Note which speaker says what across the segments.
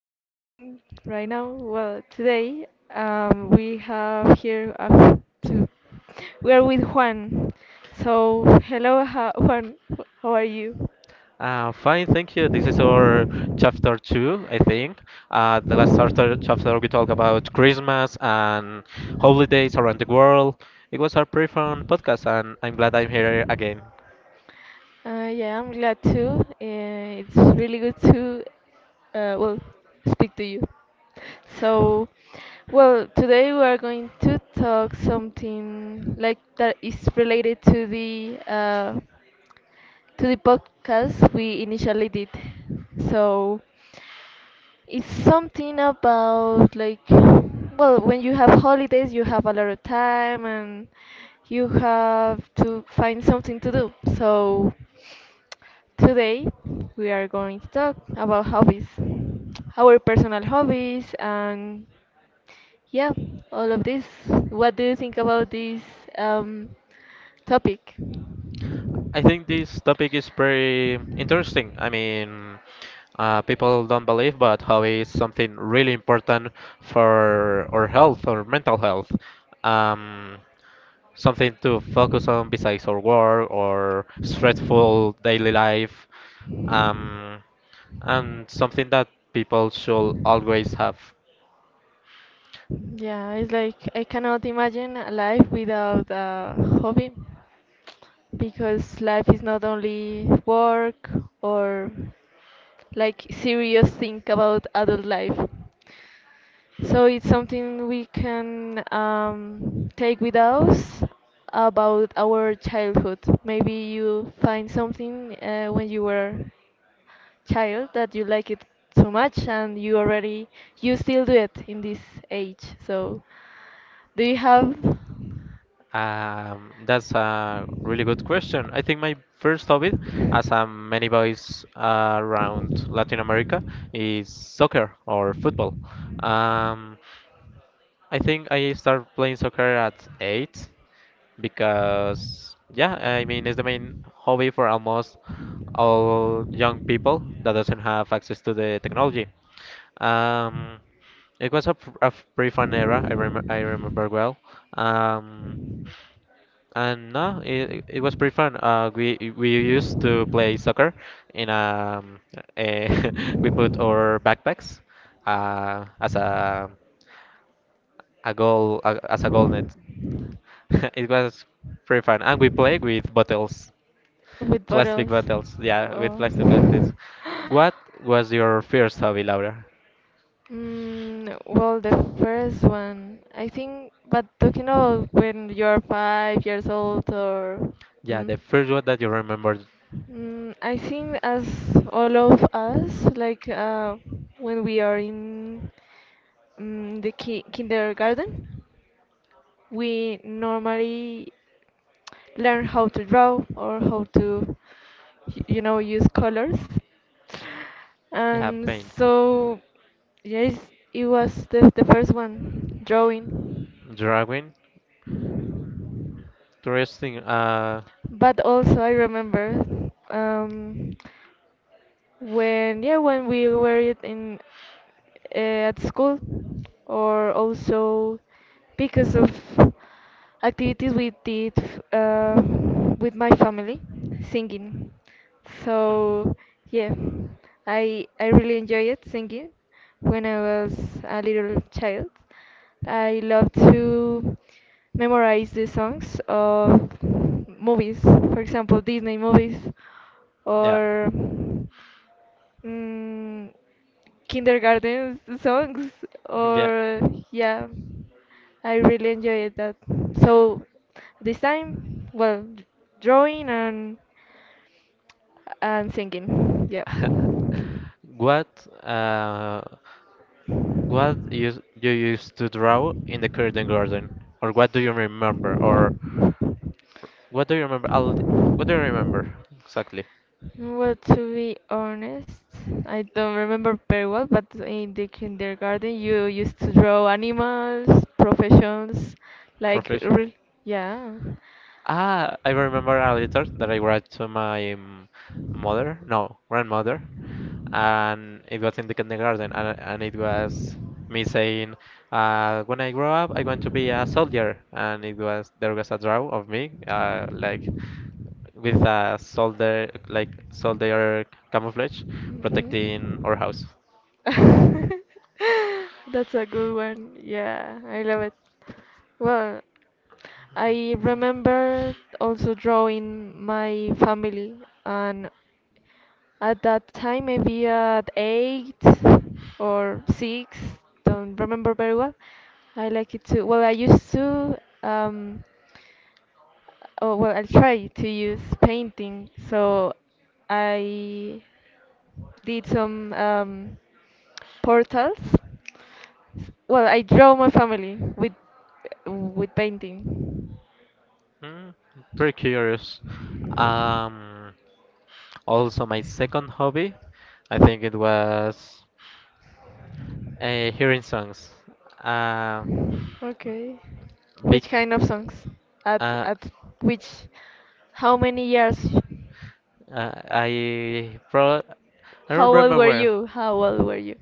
Speaker 1: speaking right now. Well, today we have here a, to we are with Juan. So, hello ha Juan, how are you?
Speaker 2: Fine, thank you. This is our chapter two, I think. The last chapter we talked about Christmas and holidays around the world. It was a pretty fun podcast, and I'm glad I'm here again.
Speaker 1: Yeah, I'm glad too. It's really good to well, speak to you. So, well, today we are going to talk something like that is related to the podcast we initially did. So it's something about like, well, when you have holidays you have a lot of time and you have to find something to do. So today we are going to talk about hobbies. Our personal hobbies, and yeah, all of this. What do you think about this um, topic?
Speaker 2: I think this topic is pretty interesting. I mean, people don't believe, but hobby is something really important for our health, or mental health. Um, Something to focus on besides our work or stressful daily life, um, and something that people should always have.
Speaker 1: Yeah, it's like I cannot imagine a life without a hobby, because life is not only work, or like serious thing about adult life. So it's something we can take with us about our childhood. Maybe you find something when you were child that you like it so much, and you still do it in this age. So do you have
Speaker 2: That's a really good question. I think my first hobby, as many boys around Latin America, is soccer or football. Um, I think I started playing soccer at eight because, yeah, I mean, it's the main hobby for almost all young people that doesn't have access to the technology. Um, it was a pretty fun era. I remember well. Um, and no, it was pretty fun. We used to play soccer. in um, eh, we put our backpacks uh, as a as a goal net. It was pretty fun, and we play with bottles,
Speaker 1: With
Speaker 2: plastic
Speaker 1: bottles.
Speaker 2: bottles. Yeah, with plastic
Speaker 1: Oh.
Speaker 2: bottles. What was your first hobby, Laura?
Speaker 1: Well, the first one, I think, but talking about when you're 5 years old or
Speaker 2: Yeah, the
Speaker 1: mm,
Speaker 2: first one that you remember.
Speaker 1: I think, as all of us, like when we are in the ki kindergarten, we normally learn how to draw or how to use colors,
Speaker 2: Yeah,
Speaker 1: and
Speaker 2: paint,
Speaker 1: so yes. It was the first one, drawing.
Speaker 2: drawing, interesting.
Speaker 1: But also, I remember, when, yeah, when we were it in, at school, or also because of activities we did, uh, with my family, singing. So yeah, I really enjoyed singing when I was a little child. I love to memorize the songs of movies, for example Disney movies,
Speaker 2: Yeah,
Speaker 1: or Mm, kindergarten songs,
Speaker 2: yeah.
Speaker 1: or yeah, I really enjoyed that. So this time, well, drawing, and singing, yeah.
Speaker 2: what uh, what you used to draw in the curtain garden, or what do you remember, or what do you remember? I'll, what do you remember exactly?
Speaker 1: Well, to be honest, I don't remember very well, but in the kindergarten you used to draw animals, professions, like
Speaker 2: Profession?
Speaker 1: yeah.
Speaker 2: Ah, I remember a letter that I wrote to my mother, no, grandmother, and it was in the kindergarten, and it was me saying, when I grow up, I want to be a soldier, and it was there was a draw of me, like with a soldier, like soldier camouflage, protecting our house.
Speaker 1: Mhm. That's a good one. Yeah, I love it. Well, I remember also drawing my family, and at that time, maybe at eight or six, don't remember very well. I like it to, I used to, oh, well, I try to use painting, so I did some portals. Well, I draw my family with painting.
Speaker 2: Mm, pretty curious. Um, Also, my second hobby, I think it was hearing songs. Uh,
Speaker 1: Okay.
Speaker 2: big,
Speaker 1: Which kind of songs? At
Speaker 2: uh,
Speaker 1: at which? How many years?
Speaker 2: I pro I
Speaker 1: How
Speaker 2: don't
Speaker 1: old
Speaker 2: remember
Speaker 1: were
Speaker 2: well.
Speaker 1: you? How old were you?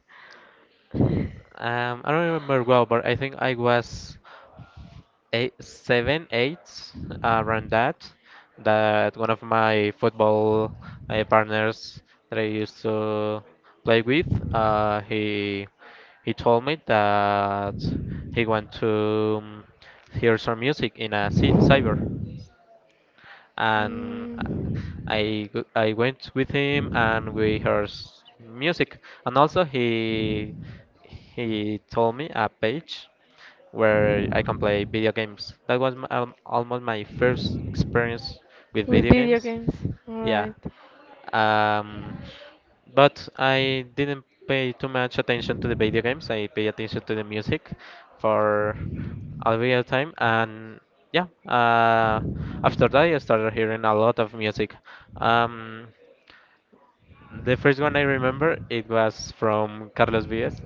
Speaker 2: I don't remember well, but I think I was eight, seven, eight, around that. That one of my football partners that I used to play with, uh, he he told me that he want to hear some music in a cy cyber and
Speaker 1: Mm.
Speaker 2: I went with him and we heard music and also he told me a page where I can play video games. That was almost my first experience with
Speaker 1: With
Speaker 2: video
Speaker 1: video
Speaker 2: games,
Speaker 1: games.
Speaker 2: yeah.
Speaker 1: Alright.
Speaker 2: Um, but I didn't pay too much attention to the video games. I pay attention to the music for a real time, and yeah. After that, I started hearing a lot of music. Um, the first one I remember it was from Carlos Vives.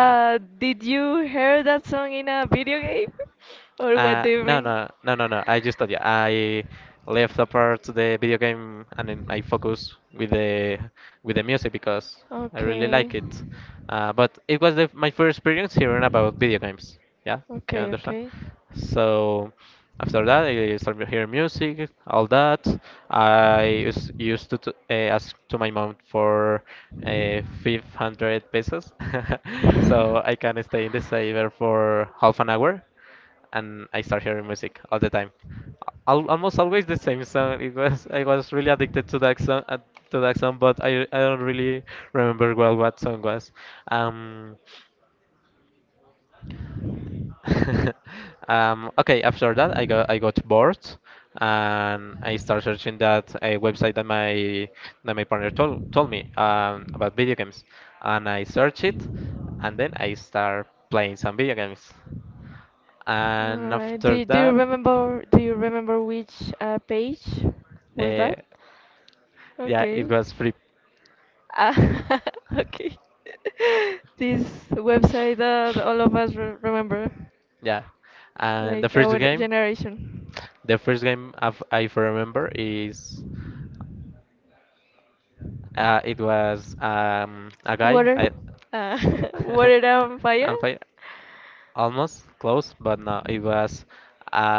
Speaker 2: Uh,
Speaker 1: did you hear that song in a video game? Or what do you
Speaker 2: No,
Speaker 1: mean?
Speaker 2: no, no, no, no. I just told you. I left apart the video game and then I focus with the music because I really
Speaker 1: Okay.
Speaker 2: like it. But it was my first experience hearing about video games. Yeah, you
Speaker 1: Okay,
Speaker 2: understand?
Speaker 1: okay.
Speaker 2: So after that, I started hearing music, all that. I used to ask to my mom for 500 pesos, so I can stay in the saver for half an hour and I start hearing music all the time. Almost always the same song. It was I was really addicted to that song, but I don't really remember well what song was. Um, okay, after that I got bored and I started searching that a website that my that my partner told me about video games, and I searched it, and then I start playing some video games,
Speaker 1: All
Speaker 2: and
Speaker 1: right.
Speaker 2: after
Speaker 1: Do you
Speaker 2: that.
Speaker 1: remember? Do you remember which page was
Speaker 2: Uh,
Speaker 1: that?
Speaker 2: Yeah, it
Speaker 1: Okay.
Speaker 2: was free.
Speaker 1: Ah, okay. This website that all of us re remember.
Speaker 2: Yeah, and
Speaker 1: Like our generation.
Speaker 2: the first game I remember is it was a guy.
Speaker 1: Water.
Speaker 2: I
Speaker 1: Uh, water and fire?
Speaker 2: I'm fine, almost close, but no, it was a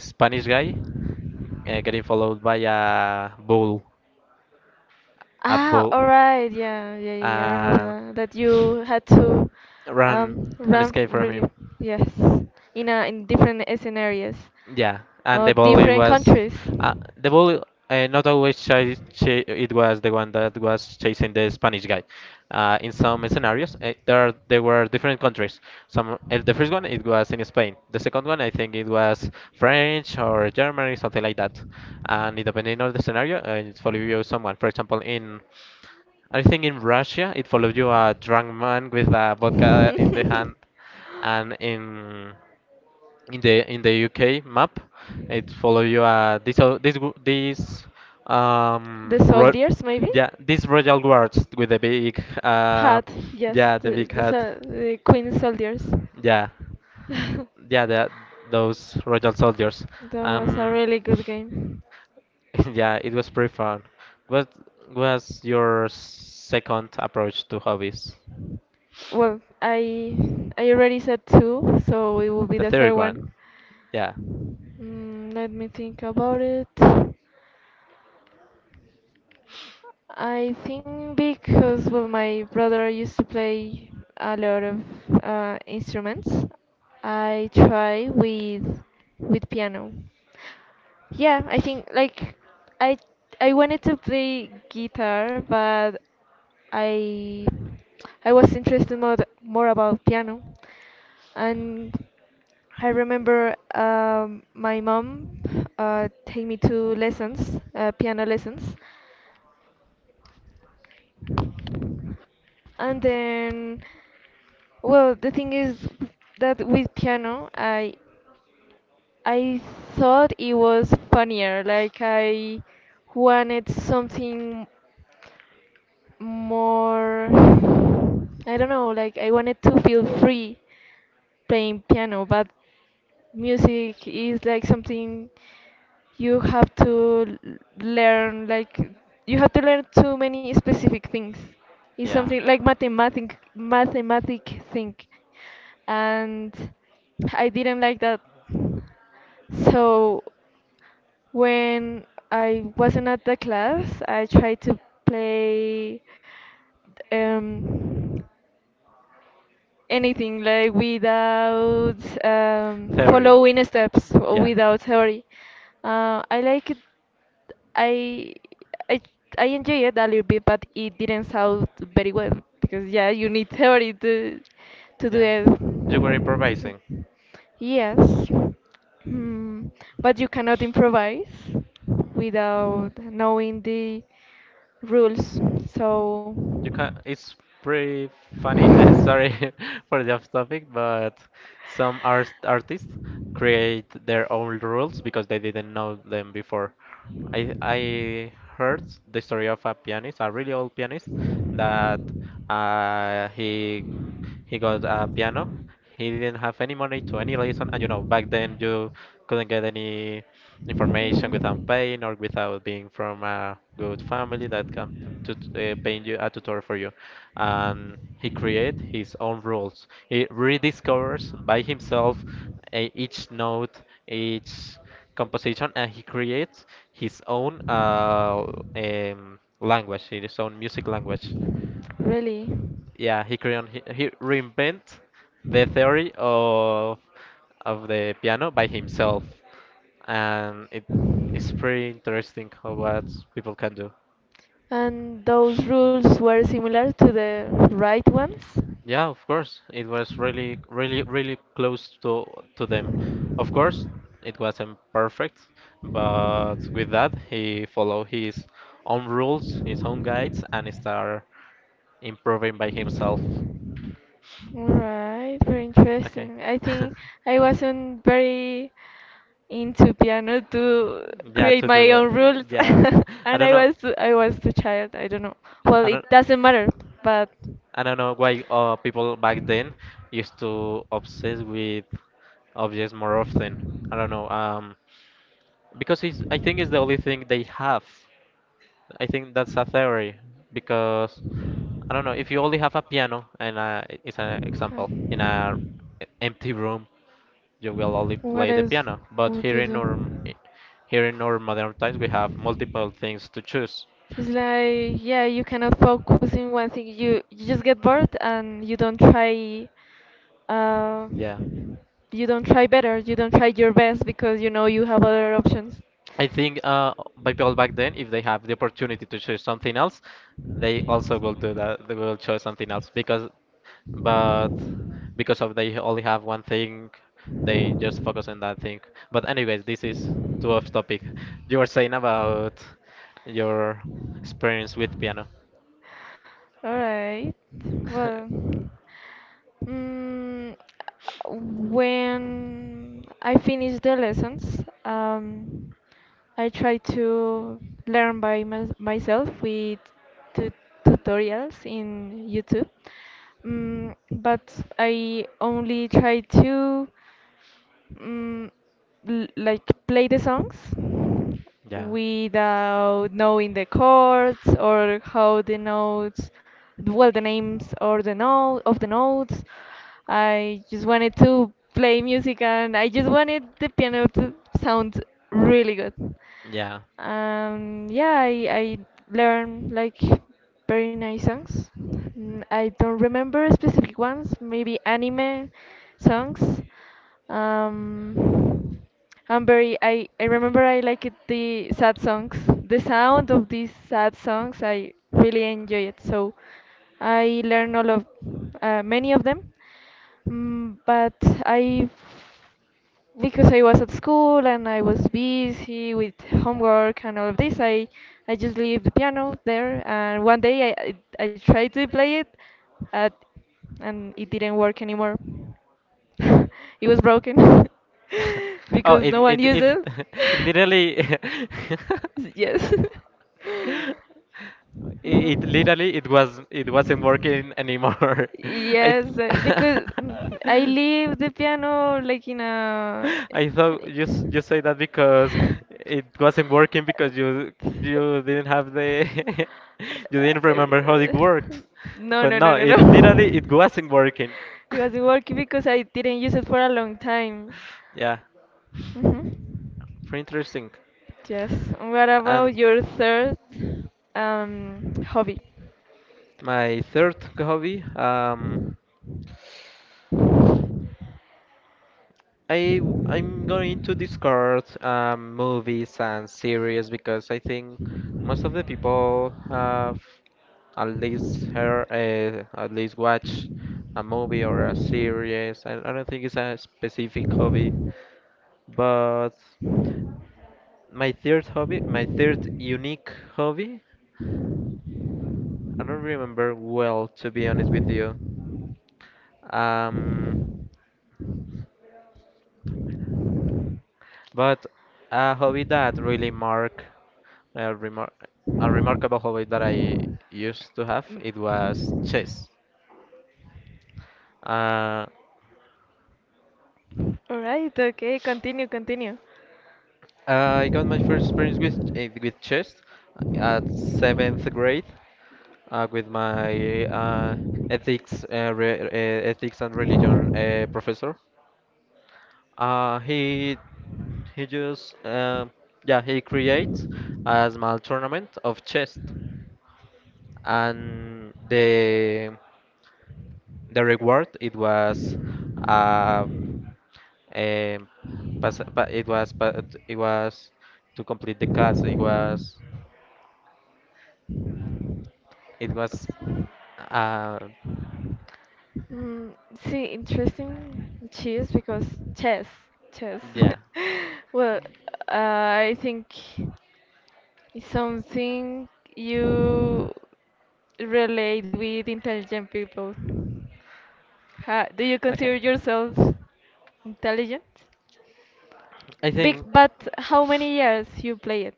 Speaker 2: Spanish guy getting followed by a bull. A
Speaker 1: Ah,
Speaker 2: bull
Speaker 1: alright, yeah, yeah, yeah, yeah, I remember
Speaker 2: uh,
Speaker 1: that. That you had to
Speaker 2: ran and
Speaker 1: run
Speaker 2: escaped from
Speaker 1: really,
Speaker 2: him.
Speaker 1: yes. In different scenarios.
Speaker 2: Yeah, and
Speaker 1: Or different countries.
Speaker 2: the volley not always chase, cha it was the one that was chasing the Spanish guy. In some scenarios, there were different countries. Some The first one it was in Spain. The second one I think it was French or Germany, something like that. And it depending on the scenario, it follow you someone. For example, in I think in Russia it followed you a drunk man with a vodka in the hand, and in the UK map, it follow you. This o- this w- this
Speaker 1: The
Speaker 2: ro
Speaker 1: soldiers, maybe?
Speaker 2: Yeah, these royal guards with the big,
Speaker 1: Had, yes,
Speaker 2: yeah, the
Speaker 1: the,
Speaker 2: big
Speaker 1: the,
Speaker 2: hat.
Speaker 1: sol- the queen soldiers.
Speaker 2: Yeah,
Speaker 1: That
Speaker 2: yeah, those royal soldiers.
Speaker 1: was a
Speaker 2: um
Speaker 1: really good game.
Speaker 2: yeah, it was pretty fun. What was your second approach to hobbies?
Speaker 1: Well, I already said two, so it will be
Speaker 2: The
Speaker 1: the third
Speaker 2: third one.
Speaker 1: one.
Speaker 2: Yeah,
Speaker 1: Let me think about it. I think, because, well, my brother used to play a lot of instruments. I try with piano. Yeah, I think, like, I I wanted to play guitar, but I I was interested more about piano. And I remember, my mom take me to lessons, piano lessons. And then, well, the thing is that with piano, I thought it was funnier. Like, I wanted something more. I don't know. Like, I wanted to feel free playing piano, but music is like something you have to learn. Like, you have to learn too many specific things. It's
Speaker 2: yeah.
Speaker 1: something like mathematic thing, and I didn't like that. So when I wasn't at the class, I tried to play um anything, like, without
Speaker 2: Theory.
Speaker 1: following steps or
Speaker 2: Yeah.
Speaker 1: without theory. I like it I I I enjoy it a little bit, but it didn't sound very well, because, yeah, you need theory to do
Speaker 2: Yeah. You were
Speaker 1: it.
Speaker 2: improvising.
Speaker 1: Yes. Hmm. But you cannot improvise without knowing the rules. So,
Speaker 2: You can. It's pretty funny. Sorry for the off topic, but some artists create their own rules because they didn't know them before. I heard the story of a pianist, a really old pianist, that uh, he he got a piano. He didn't have any money to any lesson, and you know back then you couldn't get any information without
Speaker 1: Mhm.
Speaker 2: paying or without being from a good family that can p- to paying you a tutor for you. And he create his own rules. He rediscovers by himself each note, each composition, and he creates his own language, his own music language.
Speaker 1: Really?
Speaker 2: Yeah, he reinvent the theory of the piano by himself, and it's pretty interesting how what people can do.
Speaker 1: And those rules were similar to the right ones?
Speaker 2: Yeah, of course it was really, really, really close to them.
Speaker 1: All
Speaker 2: Of course it wasn't perfect, but with that he followed his own rules, his own guides, and start improving by himself.
Speaker 1: right, very
Speaker 2: Okay.
Speaker 1: interesting. I think I wasn't very into piano to
Speaker 2: Yeah,
Speaker 1: create
Speaker 2: to do
Speaker 1: my
Speaker 2: that.
Speaker 1: own rules,
Speaker 2: Yeah, I
Speaker 1: and
Speaker 2: don't
Speaker 1: I
Speaker 2: know.
Speaker 1: was I was too child. I don't know. Well,
Speaker 2: I
Speaker 1: it
Speaker 2: don't.
Speaker 1: doesn't matter, but
Speaker 2: I don't know why people
Speaker 1: Okay.
Speaker 2: back then used to obsess with objects more often. I don't know. Because I think it's the only thing they have. I think that's a theory because I don't know if you only have a piano and it's an example in a empty room, you will only
Speaker 1: What
Speaker 2: play the
Speaker 1: else
Speaker 2: piano. But
Speaker 1: would you do?
Speaker 2: here in our modern times, we have multiple things to choose.
Speaker 1: It's like, yeah, you cannot focus in one thing. You just get bored and you don't try. Uh,
Speaker 2: Yeah.
Speaker 1: you don't try better you don't try your best, because you know you have other options.
Speaker 2: I think by people back then, if they have the opportunity to choose something else, they also will do that. They will choose something else but because of they only have one thing, they just focus on that thing. But anyways, this is too off topic. You were saying about your experience with piano.
Speaker 1: All right, well, Mm, when I finish the lessons, I try to learn by myself with tu tutorials in YouTube. But I only try to mm, l like play the songs
Speaker 2: Yeah,
Speaker 1: without knowing the chords or how the notes, well, the names or the note of the notes. I just wanted to play music, and I just wanted the piano to sound really good.
Speaker 2: yeah.
Speaker 1: Yeah, I learned like very nice songs. I don't remember specific ones, maybe anime songs. Um, I remember I like it, the sad songs. The sound of these sad songs, I really enjoy it. So I learn all of many of them. But I, because I was at school and I was busy with homework and all of this, I just leave the piano there. And one day, I tried to play it, at, and it didn't work anymore. It was broken,
Speaker 2: Oh,
Speaker 1: because no one used it.
Speaker 2: it literally.
Speaker 1: Yes.
Speaker 2: It
Speaker 1: Mhm.
Speaker 2: literally it wasn't working anymore. I
Speaker 1: Yes, because I leave the piano like in a.
Speaker 2: I thought you say that because it wasn't working because you didn't have the you didn't remember how it worked.
Speaker 1: No,
Speaker 2: But
Speaker 1: no,
Speaker 2: no,
Speaker 1: no, no, no.
Speaker 2: it literally it wasn't working.
Speaker 1: It wasn't working because I didn't use it for a long time.
Speaker 2: Yeah,
Speaker 1: Hmm.
Speaker 2: pretty interesting.
Speaker 1: Yes. What about
Speaker 2: And
Speaker 1: your third hobby?
Speaker 2: my third hobby, I'm going to discard movies and series because I think most of the people have at least heard, at least watch a movie or a series. I don't think it's a specific hobby, but my third unique hobby, I don't remember well to be honest with you. Um, But a hobby that really mark a, remar- a remarkable hobby that I used to have it was chess. Uh,
Speaker 1: All right, okay, continue, continue.
Speaker 2: I got my first experience with chess at seventh grade with my ethics uh, re uh, ethics and religion professor. Uh, he he just yeah, he creates a small tournament of chess, and the reward it was uh, um, pas- pa- it was pa- it was to complete the class. It was uh,
Speaker 1: Mm, See, interesting cheese because chess, chess.
Speaker 2: yeah.
Speaker 1: Well, I think it's something you relate with intelligent people. Ha, do you consider
Speaker 2: Okay,
Speaker 1: yourself intelligent?
Speaker 2: I
Speaker 1: Big,
Speaker 2: think
Speaker 1: but how many years you play it?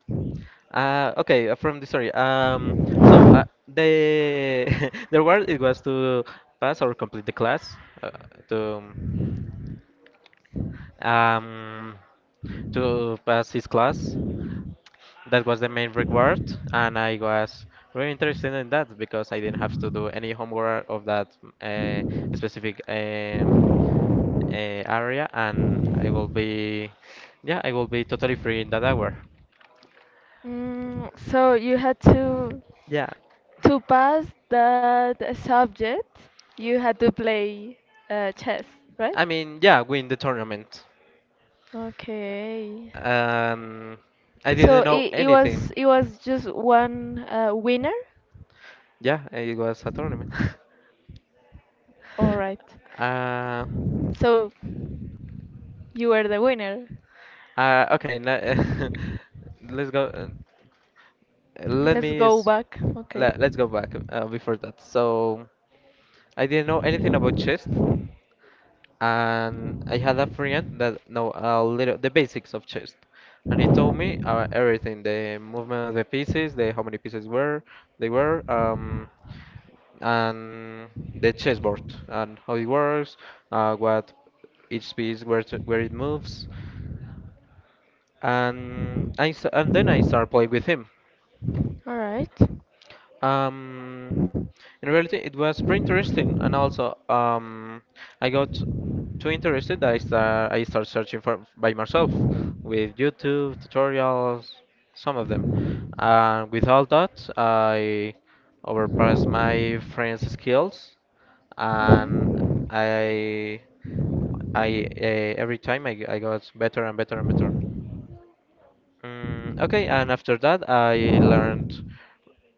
Speaker 2: okay, from the story. The the reward it was to pass or complete the class uh, to um to pass his class. That was the main reward, and I was really interested in that because I didn't have to do any homework of that uh, specific area, and I will be yeah I will be totally free in that hour.
Speaker 1: So you had
Speaker 2: yeah
Speaker 1: to pass that subject, you had to play chess, right?
Speaker 2: i mean yeah win the tournament.
Speaker 1: Okay.
Speaker 2: um, I
Speaker 1: So
Speaker 2: didn't know
Speaker 1: it, it
Speaker 2: anything.
Speaker 1: was it was just one winner.
Speaker 2: Yeah, it was a tournament.
Speaker 1: All right.
Speaker 2: uh,
Speaker 1: So you were the winner.
Speaker 2: uh, okay now- let's go let
Speaker 1: Let's
Speaker 2: me
Speaker 1: go
Speaker 2: s-
Speaker 1: back. Okay.
Speaker 2: let, let's go back before that. So I didn't know anything about chess, and I had a friend that know a little the basics of chess, and he told me everything: the movement of the pieces, the how many pieces were they were, and the chessboard and how it works, what each piece where it moves, and then I started playing with him.
Speaker 1: All right.
Speaker 2: Um, in reality, it was pretty interesting, and also I got too interested that I start searching for by myself with YouTube tutorials, some of them. And with all that, I overpassed my friends' skills, and
Speaker 1: Mhm.
Speaker 2: I I every time I got better and better and better. Okay, and after that, I learned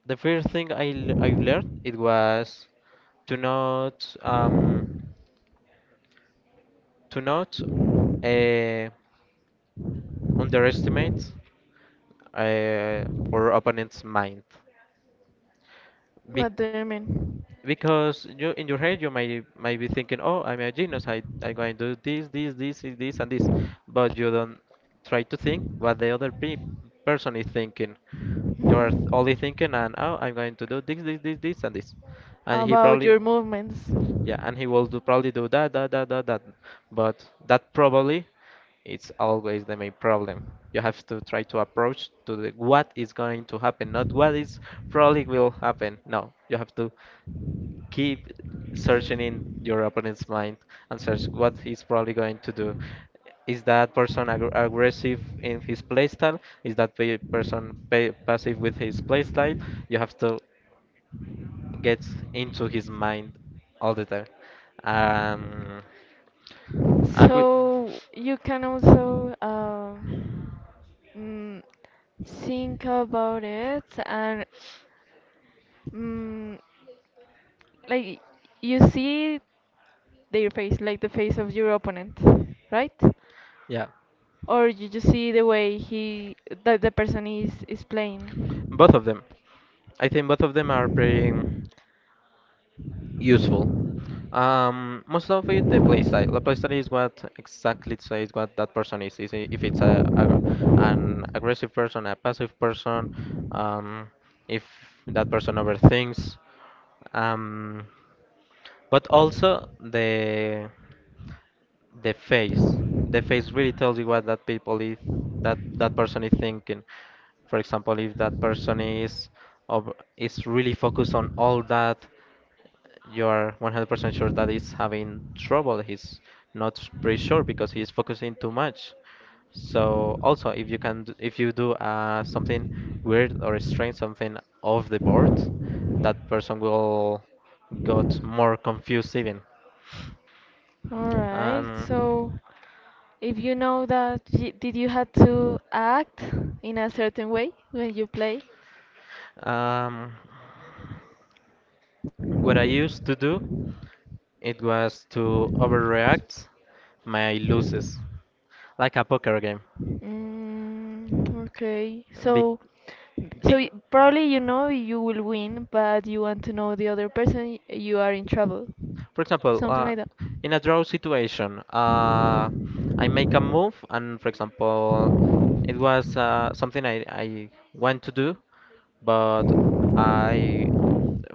Speaker 2: the first thing I've learned, it was to not um to not uh, underestimate uh, or opponent's mind.
Speaker 1: What do you mean?
Speaker 2: Because you, in your head, you may might be thinking, "Oh, I'm a genius. I'm going to do this, this, this, and this, and this," but you don't try to think what the other pe person is thinking. You are only thinking,
Speaker 1: Mhm.
Speaker 2: and, oh, I'm going to do this, this, this, this, and this, and he
Speaker 1: About
Speaker 2: probably,
Speaker 1: your movements.
Speaker 2: yeah, and he will do probably do that, that, that, that, that. But that probably it's always the main problem. You have to try to approach to the what is going to happen, not what is probably will happen. No, you have to keep searching in your opponent's mind and search what he's probably going to do. Is that person aggressive in his playstyle? Is that pe person pa passive with his playstyle? You have to get into his mind all the time. Um, and we,
Speaker 1: So you can also mm, think about it, and mm, like, you see their face, like the face of your opponent, right?
Speaker 2: yeah,
Speaker 1: Or you just see the way he that the person is playing.
Speaker 2: both of them. I think both of them are pretty useful. Most of it, the playstyle. The playstyle is what exactly says what that person is. If it's a an aggressive person, a passive person, um, if that person overthinks. Um, but also the face. The face really tells you what that people is, that that person is thinking. For example, if that person is of is really focused on all that, you are 100% sure that he's having trouble. He's not pretty sure because he's focusing too much. So also, if you can, if you do something weird or strange, something off the board, that person will got more confused even.
Speaker 1: All right.
Speaker 2: Um,
Speaker 1: So, if you know that, y did you have to act in a certain way when you play?
Speaker 2: um, what I used to do, it was to overreact my losses, like a poker game.
Speaker 1: Okay.
Speaker 2: Be,
Speaker 1: So,
Speaker 2: be,
Speaker 1: probably you know you will win, but you want to know the other person, you are in trouble.
Speaker 2: For example,
Speaker 1: Something like that.
Speaker 2: in a draw situation, I make a move, and for example, it was something I want to do, but I,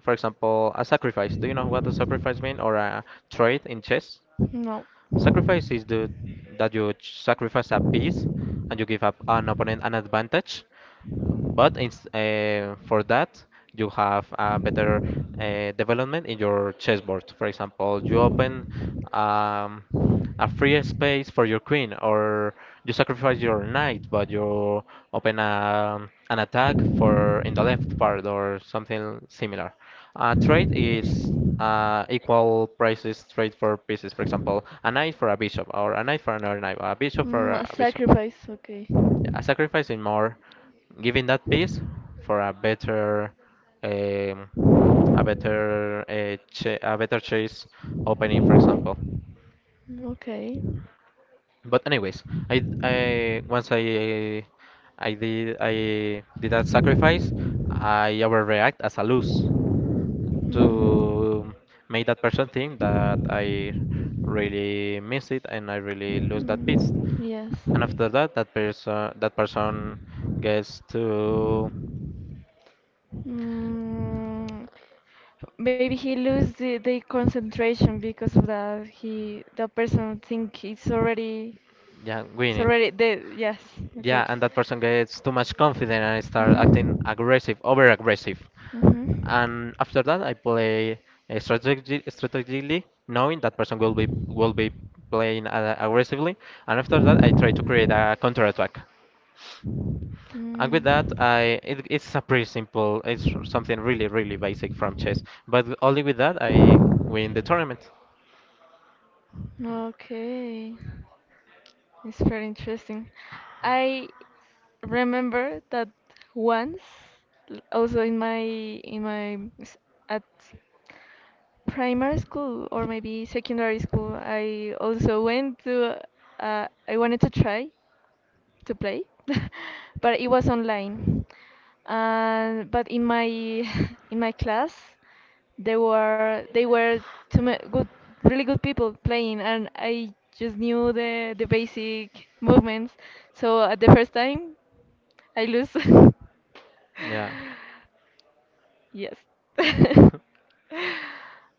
Speaker 2: for example, a sacrifice. Do you know what a sacrifice mean, or a trade in chess?
Speaker 1: No.
Speaker 2: Sacrifice is the that you sacrifice a piece and you give up an opponent an advantage. But for that, you have a better development in your chessboard. For example, you open um, a free space for your queen, or you sacrifice your knight, but you open an attack for in the left part or something similar. A trade is equal prices trade for pieces. For example, a knight for a bishop, or a knight for another knight, a bishop for
Speaker 1: A
Speaker 2: a bishop.
Speaker 1: sacrifice. Okay.
Speaker 2: Yeah, a sacrifice in more, giving that piece for a um, a better, a better chase opening, for example.
Speaker 1: Okay.
Speaker 2: But anyways, I once I did that sacrifice. I overreact as a lose to make
Speaker 1: Mhm.
Speaker 2: that person think that I
Speaker 1: Mm.
Speaker 2: really miss it and I really lose that piece.
Speaker 1: Yes.
Speaker 2: And after that, that person gets to
Speaker 1: Mm, maybe he lose the concentration because of that. He the person think
Speaker 2: yeah
Speaker 1: it's
Speaker 2: winning.
Speaker 1: already the yes
Speaker 2: Yeah,
Speaker 1: exactly.
Speaker 2: and that person gets too much confident and start acting
Speaker 1: Mhm.
Speaker 2: aggressive, over aggressive.
Speaker 1: Mhm.
Speaker 2: And after that, I play strategically, knowing that person will be playing aggressively. And after that, I try to create a counter attack. And with that,
Speaker 1: Mm.
Speaker 2: I it, it's a pretty simple. It's something really, really basic from chess. But only with that, I win the tournament.
Speaker 1: Okay, it's very interesting. I remember that once, also in my at primary school, or maybe secondary school, I also went to, I wanted to try to play, but it was online. And but in my in my class, there were they were too good, really good people playing, and I just knew the basic movements, so at the first time, I lose.
Speaker 2: Yeah.
Speaker 1: Yes.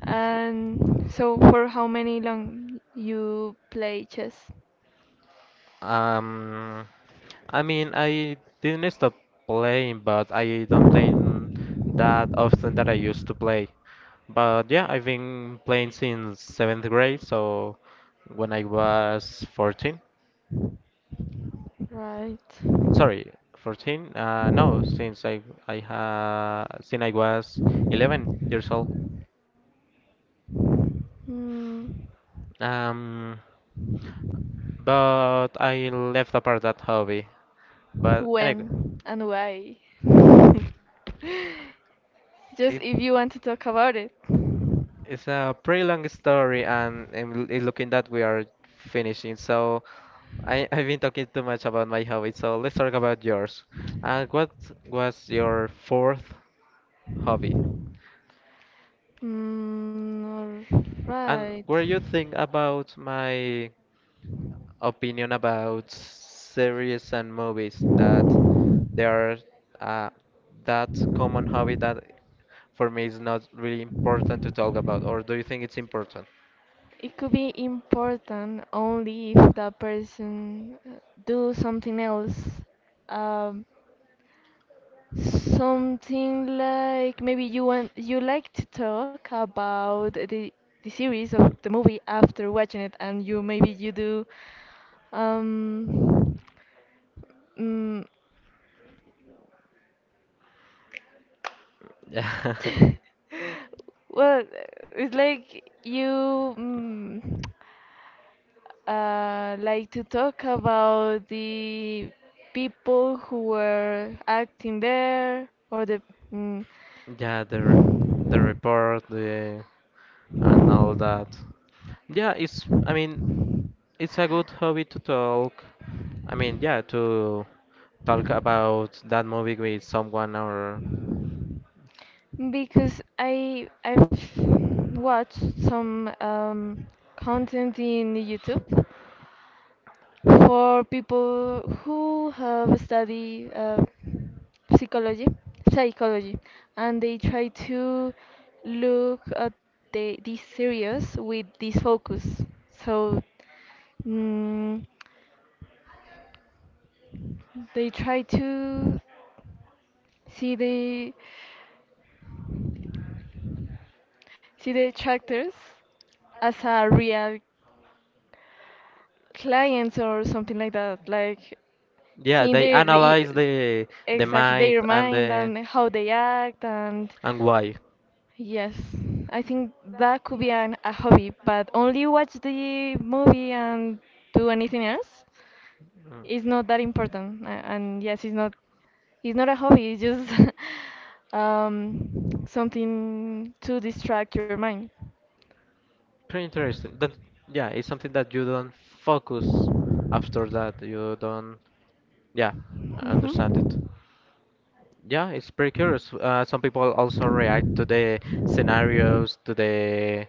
Speaker 1: And so, for how many long you play chess?
Speaker 2: Um, I didn't stop playing, but I don't play that often that I used to play. But yeah, I've been playing since seventh grade, so when I was 14.
Speaker 1: Right.
Speaker 2: Sorry, 14? No, since I was 11 years old.
Speaker 1: Mm,
Speaker 2: Um, but I left apart that hobby. But anyway,
Speaker 1: when and why? Just
Speaker 2: it
Speaker 1: if you want to talk about it.
Speaker 2: it's a pretty long story, and I'm looking that we are finishing. So I I've been talking too much about my hobby. So let's talk about yours. And what was your fourth hobby?
Speaker 1: All right.
Speaker 2: And were you think about my opinion about series and movies that there are uh, that common hobby that for me is not really important to talk about, or do you think it's important?
Speaker 1: It could be important only if that person do something else. Um, something like, maybe you like to talk about the series of the movie after watching it, and you maybe you do um mm,
Speaker 2: Yeah,
Speaker 1: well, it's like you. Mm, like to talk about the people who were acting there, or the mm,
Speaker 2: yeah, the the report, the and all that. Yeah, it's I mean it's a good hobby to talk. I mean, yeah, to talk about that movie with someone or
Speaker 1: because I've watched some content in YouTube for people who have studied psychology psychology and they try to look at these series with this focus. So mm, they try to see the see the characters as a real clients, or something like that, like
Speaker 2: yeah,
Speaker 1: seeing
Speaker 2: they analyze the
Speaker 1: exactly
Speaker 2: mind
Speaker 1: their
Speaker 2: and
Speaker 1: mind
Speaker 2: the
Speaker 1: and how they act. And
Speaker 2: and why.
Speaker 1: yes, I think that could be a hobby, but only watch the movie and do anything else
Speaker 2: Mm.
Speaker 1: is not that important. And yes, it's not a hobby, it's just something to distract your mind.
Speaker 2: Pretty interesting. That yeah, it's something that you don't focus after that. You don't yeah, I
Speaker 1: Mhm.
Speaker 2: understand it. Yeah, it's pretty curious. Some people also react to the scenarios, to the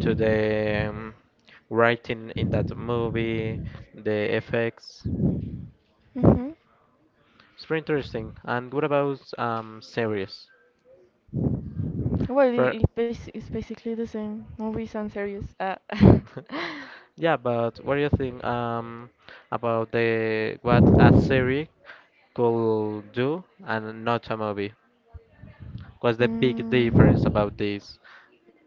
Speaker 2: to the um, writing in that movie, the effects.
Speaker 1: Mhm.
Speaker 2: It's pretty interesting. And what about series?
Speaker 1: Well, it,
Speaker 2: For
Speaker 1: it basi- it's basically the same, movies and series.
Speaker 2: yeah, but what do you think about the what a series could do and not a movie? What's the big
Speaker 1: Mm,
Speaker 2: difference about this?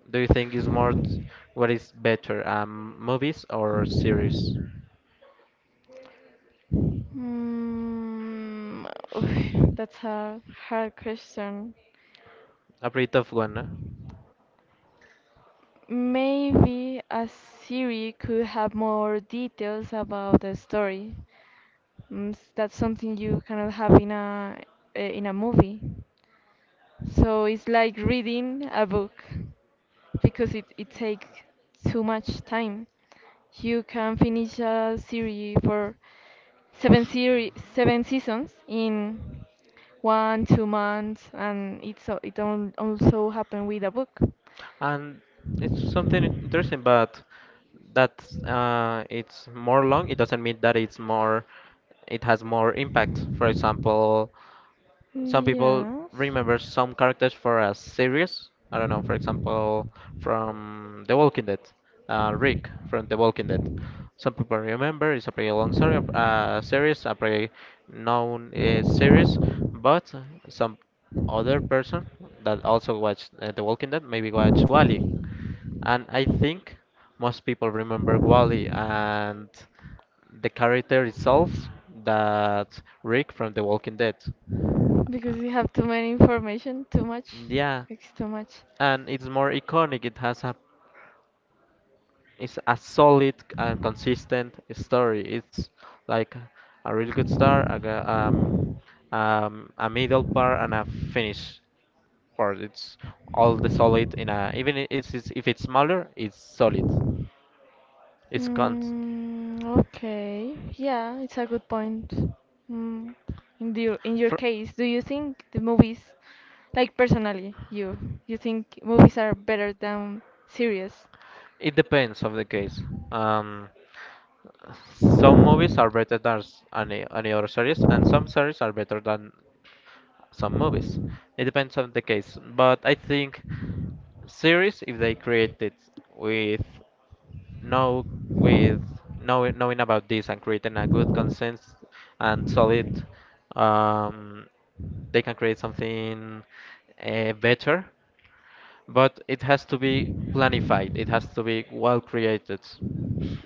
Speaker 2: Do you think is what is better, movies or series?
Speaker 1: Mm, oof, that's a hard question.
Speaker 2: A pretty tough one, no?
Speaker 1: Maybe a series could have more details about the story. That's something you cannot have in a, in a movie. So it's like reading a book, because it takes too much time. You can finish a series for 7 seasons in one two months, and it also happened with a book.
Speaker 2: And it's something interesting, but that it's more long. It doesn't mean that it's more. It has more impact. For example, some people
Speaker 1: Yes.
Speaker 2: remember some characters for a series. I don't know, for example, from The Walking Dead, Rick from The Walking Dead. Some people remember it's a pretty long story, series, a pretty known series, but some other person that also watched The Walking Dead maybe watched Wally, and I think most people remember Wally and the character itself that Rick from The Walking Dead.
Speaker 1: Because you have too many information, too much.
Speaker 2: Yeah,
Speaker 1: It's too much.
Speaker 2: and it's more iconic. It has a it's a solid and consistent story. It's like a really good start, a middle part, and a finish part. It's all the solid in a even it's, if it's smaller, it's solid. It's cons
Speaker 1: Okay. Yeah, it's a good point. Mm. In your
Speaker 2: for.
Speaker 1: case, do you think the movies, like personally, you think movies are better than series?
Speaker 2: It depends of the case. Um, some movies are better than any other series, and some series are better than some movies. It depends on the case. But I think series, if they create it with no with knowing, knowing about this and creating a good consensus and solid, um, they can create something better, but it has to be planified. It has to be well created.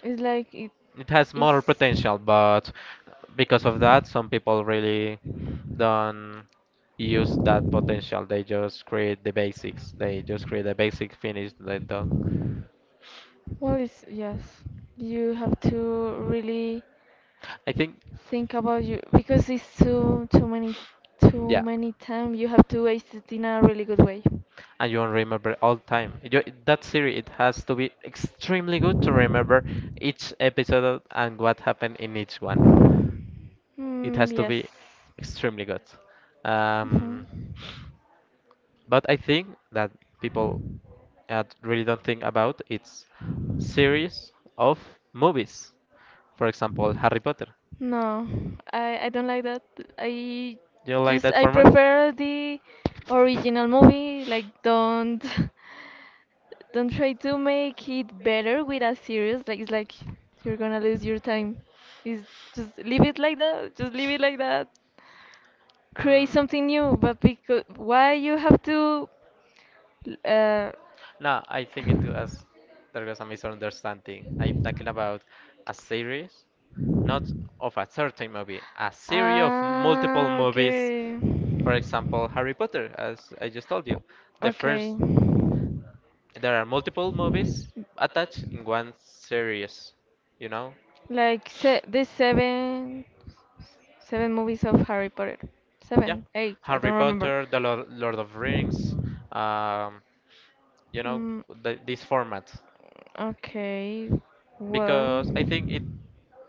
Speaker 1: It's like it
Speaker 2: It has
Speaker 1: is.
Speaker 2: more potential, but because of that, some people really don't use that potential. They just create the basics. They just create a basic finish. They don't.
Speaker 1: Well, it's yes. You have to really
Speaker 2: I think,
Speaker 1: think about you, because it's too too many too
Speaker 2: yeah,
Speaker 1: many time. You have to waste it in a really good way.
Speaker 2: and you won't remember all time. You, that series it has to be extremely good to remember each episode and what happened in each one. It
Speaker 1: Mm,
Speaker 2: has to
Speaker 1: yes.
Speaker 2: be extremely good.
Speaker 1: Mhm.
Speaker 2: Um, But I think that people really don't think about it's series of movies. For example, Harry Potter.
Speaker 1: No, I don't like that. I
Speaker 2: Do you like that
Speaker 1: I
Speaker 2: format?
Speaker 1: prefer the original movie. Like, don't don't try to make it better with a series. Like, it's like you're gonna lose your time. Is just leave it like that. Just leave it like that. Create
Speaker 2: Hmm.
Speaker 1: something new. But because, why you have to uh
Speaker 2: No, I think it was there was a misunderstanding. I'm talking about a series, not of a certain movie, a series of multiple
Speaker 1: Ah,
Speaker 2: movies.
Speaker 1: okay.
Speaker 2: For example, Harry Potter, as I just told you. The
Speaker 1: Okay.
Speaker 2: first, there are multiple movies attached in one series, you know?
Speaker 1: Like se the seven Seven movies of Harry Potter.
Speaker 2: Yeah.
Speaker 1: Seven, eight, I
Speaker 2: Harry
Speaker 1: don't remember.
Speaker 2: Potter, The Lord, Lord of Rings, um, you know,
Speaker 1: Mm,
Speaker 2: the, this format.
Speaker 1: okay, well.
Speaker 2: Because I think it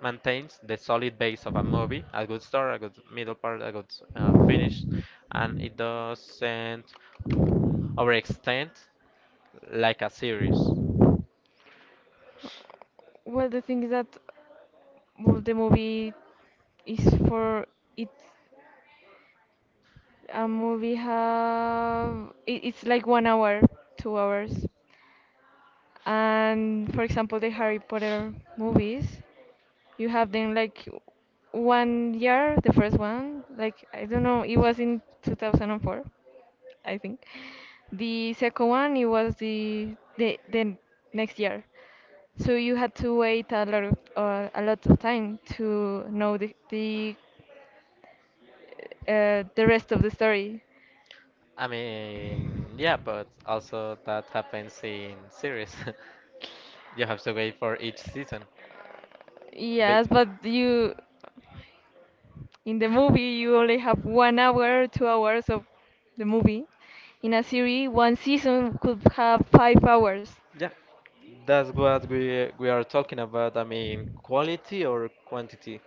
Speaker 2: maintains the solid base of a movie, a good start, a good middle part, a good finish, and it doesn't overextend like a series.
Speaker 1: Well, the thing is that, well, the movie is for it. A movie have it, it's like one hour, 2 hours. And for example, the Harry Potter movies, you have them like one year, the first one, like I don't know, it was in 2004, I think. The second one, it was the next year. So you had to wait a lot of time to know the rest of the story.
Speaker 2: I mean, yeah, but also that happens in series. You have to wait for each season. But
Speaker 1: Yes, but you in the movie you only have one hour, 2 hours of the movie. In a series, one season could have 5 hours.
Speaker 2: yeah, that's what we are talking about. I mean, quality or quantity.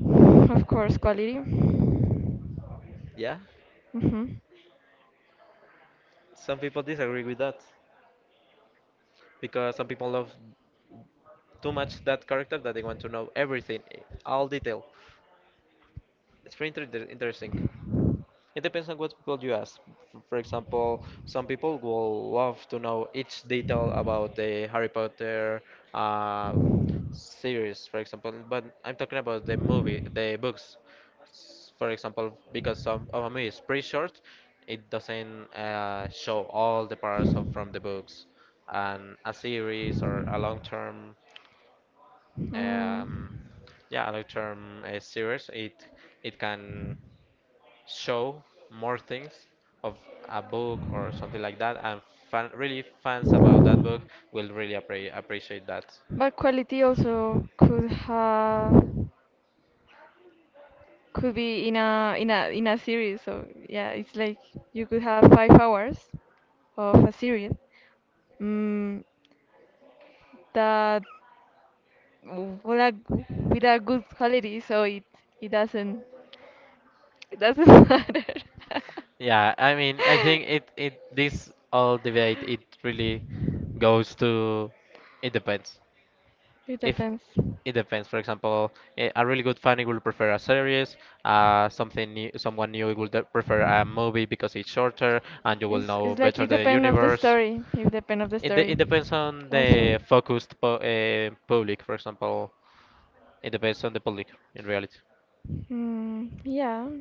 Speaker 1: Of course, quality.
Speaker 2: Yeah,
Speaker 1: Mhm.
Speaker 2: some people disagree with that because some people love too much that character that they want to know everything, eh, all detail. It's pretty interesting. It depends on what people you ask. For example, some people will love to know each detail about the Harry Potter uh, series, for example. But I'm talking about the movie, the books. For example, because some of a movie is pretty short, it doesn't show all the parts of, from the books. And a series or a long-term
Speaker 1: Mm,
Speaker 2: um, yeah, long term series. It can show more things of a book or something like that, and fan, really fans about that book will really appreciate that.
Speaker 1: but quality also could be in a series. So yeah, it's like you could have 5 hours of a series. Mm, that, with a with a good quality, so it doesn't it doesn't matter.
Speaker 2: Yeah, I mean, I think it this all debate it really goes to it depends.
Speaker 1: It
Speaker 2: If
Speaker 1: depends.
Speaker 2: it depends. For example, a really good fan will prefer a series. Something new, someone new will prefer a movie because it's shorter and you will
Speaker 1: It's
Speaker 2: know
Speaker 1: it's like,
Speaker 2: better
Speaker 1: it
Speaker 2: the
Speaker 1: depends of the
Speaker 2: universe.
Speaker 1: story. It depends of the
Speaker 2: It
Speaker 1: story.
Speaker 2: depends on the
Speaker 1: Also.
Speaker 2: focused public. For example, it depends on the public in reality.
Speaker 1: Yeah,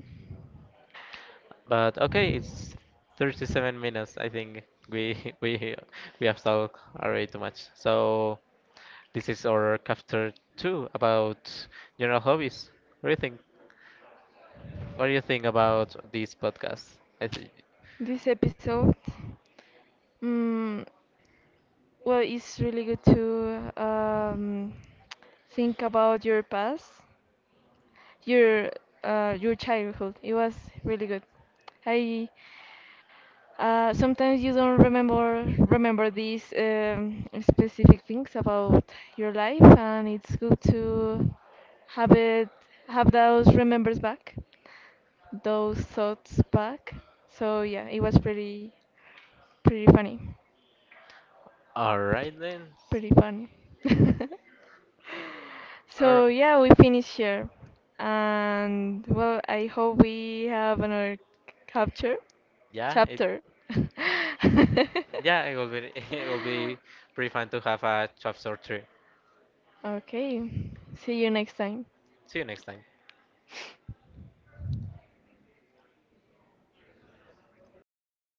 Speaker 2: But okay, it's 37 minutes. I think we we have talked already too much. So this is our chapter 2 about general hobbies. What do you think? What do you think about this podcast? I think.
Speaker 1: this episode, mm, well, it's really good to think about your past, your your childhood. It was really good. I Sometimes you don't remember these specific things about your life, and it's good to have it have those remembers back. Those thoughts back. So yeah, it was pretty, pretty funny.
Speaker 2: All right then.
Speaker 1: Pretty funny.
Speaker 2: Or
Speaker 1: So yeah, we finish here. And well, I hope we have another capture
Speaker 2: yeah, it
Speaker 1: chapter.
Speaker 2: yeah it will be it will be pretty fun to have a chapter 3.
Speaker 1: Okay. See you next time.
Speaker 2: See you next time.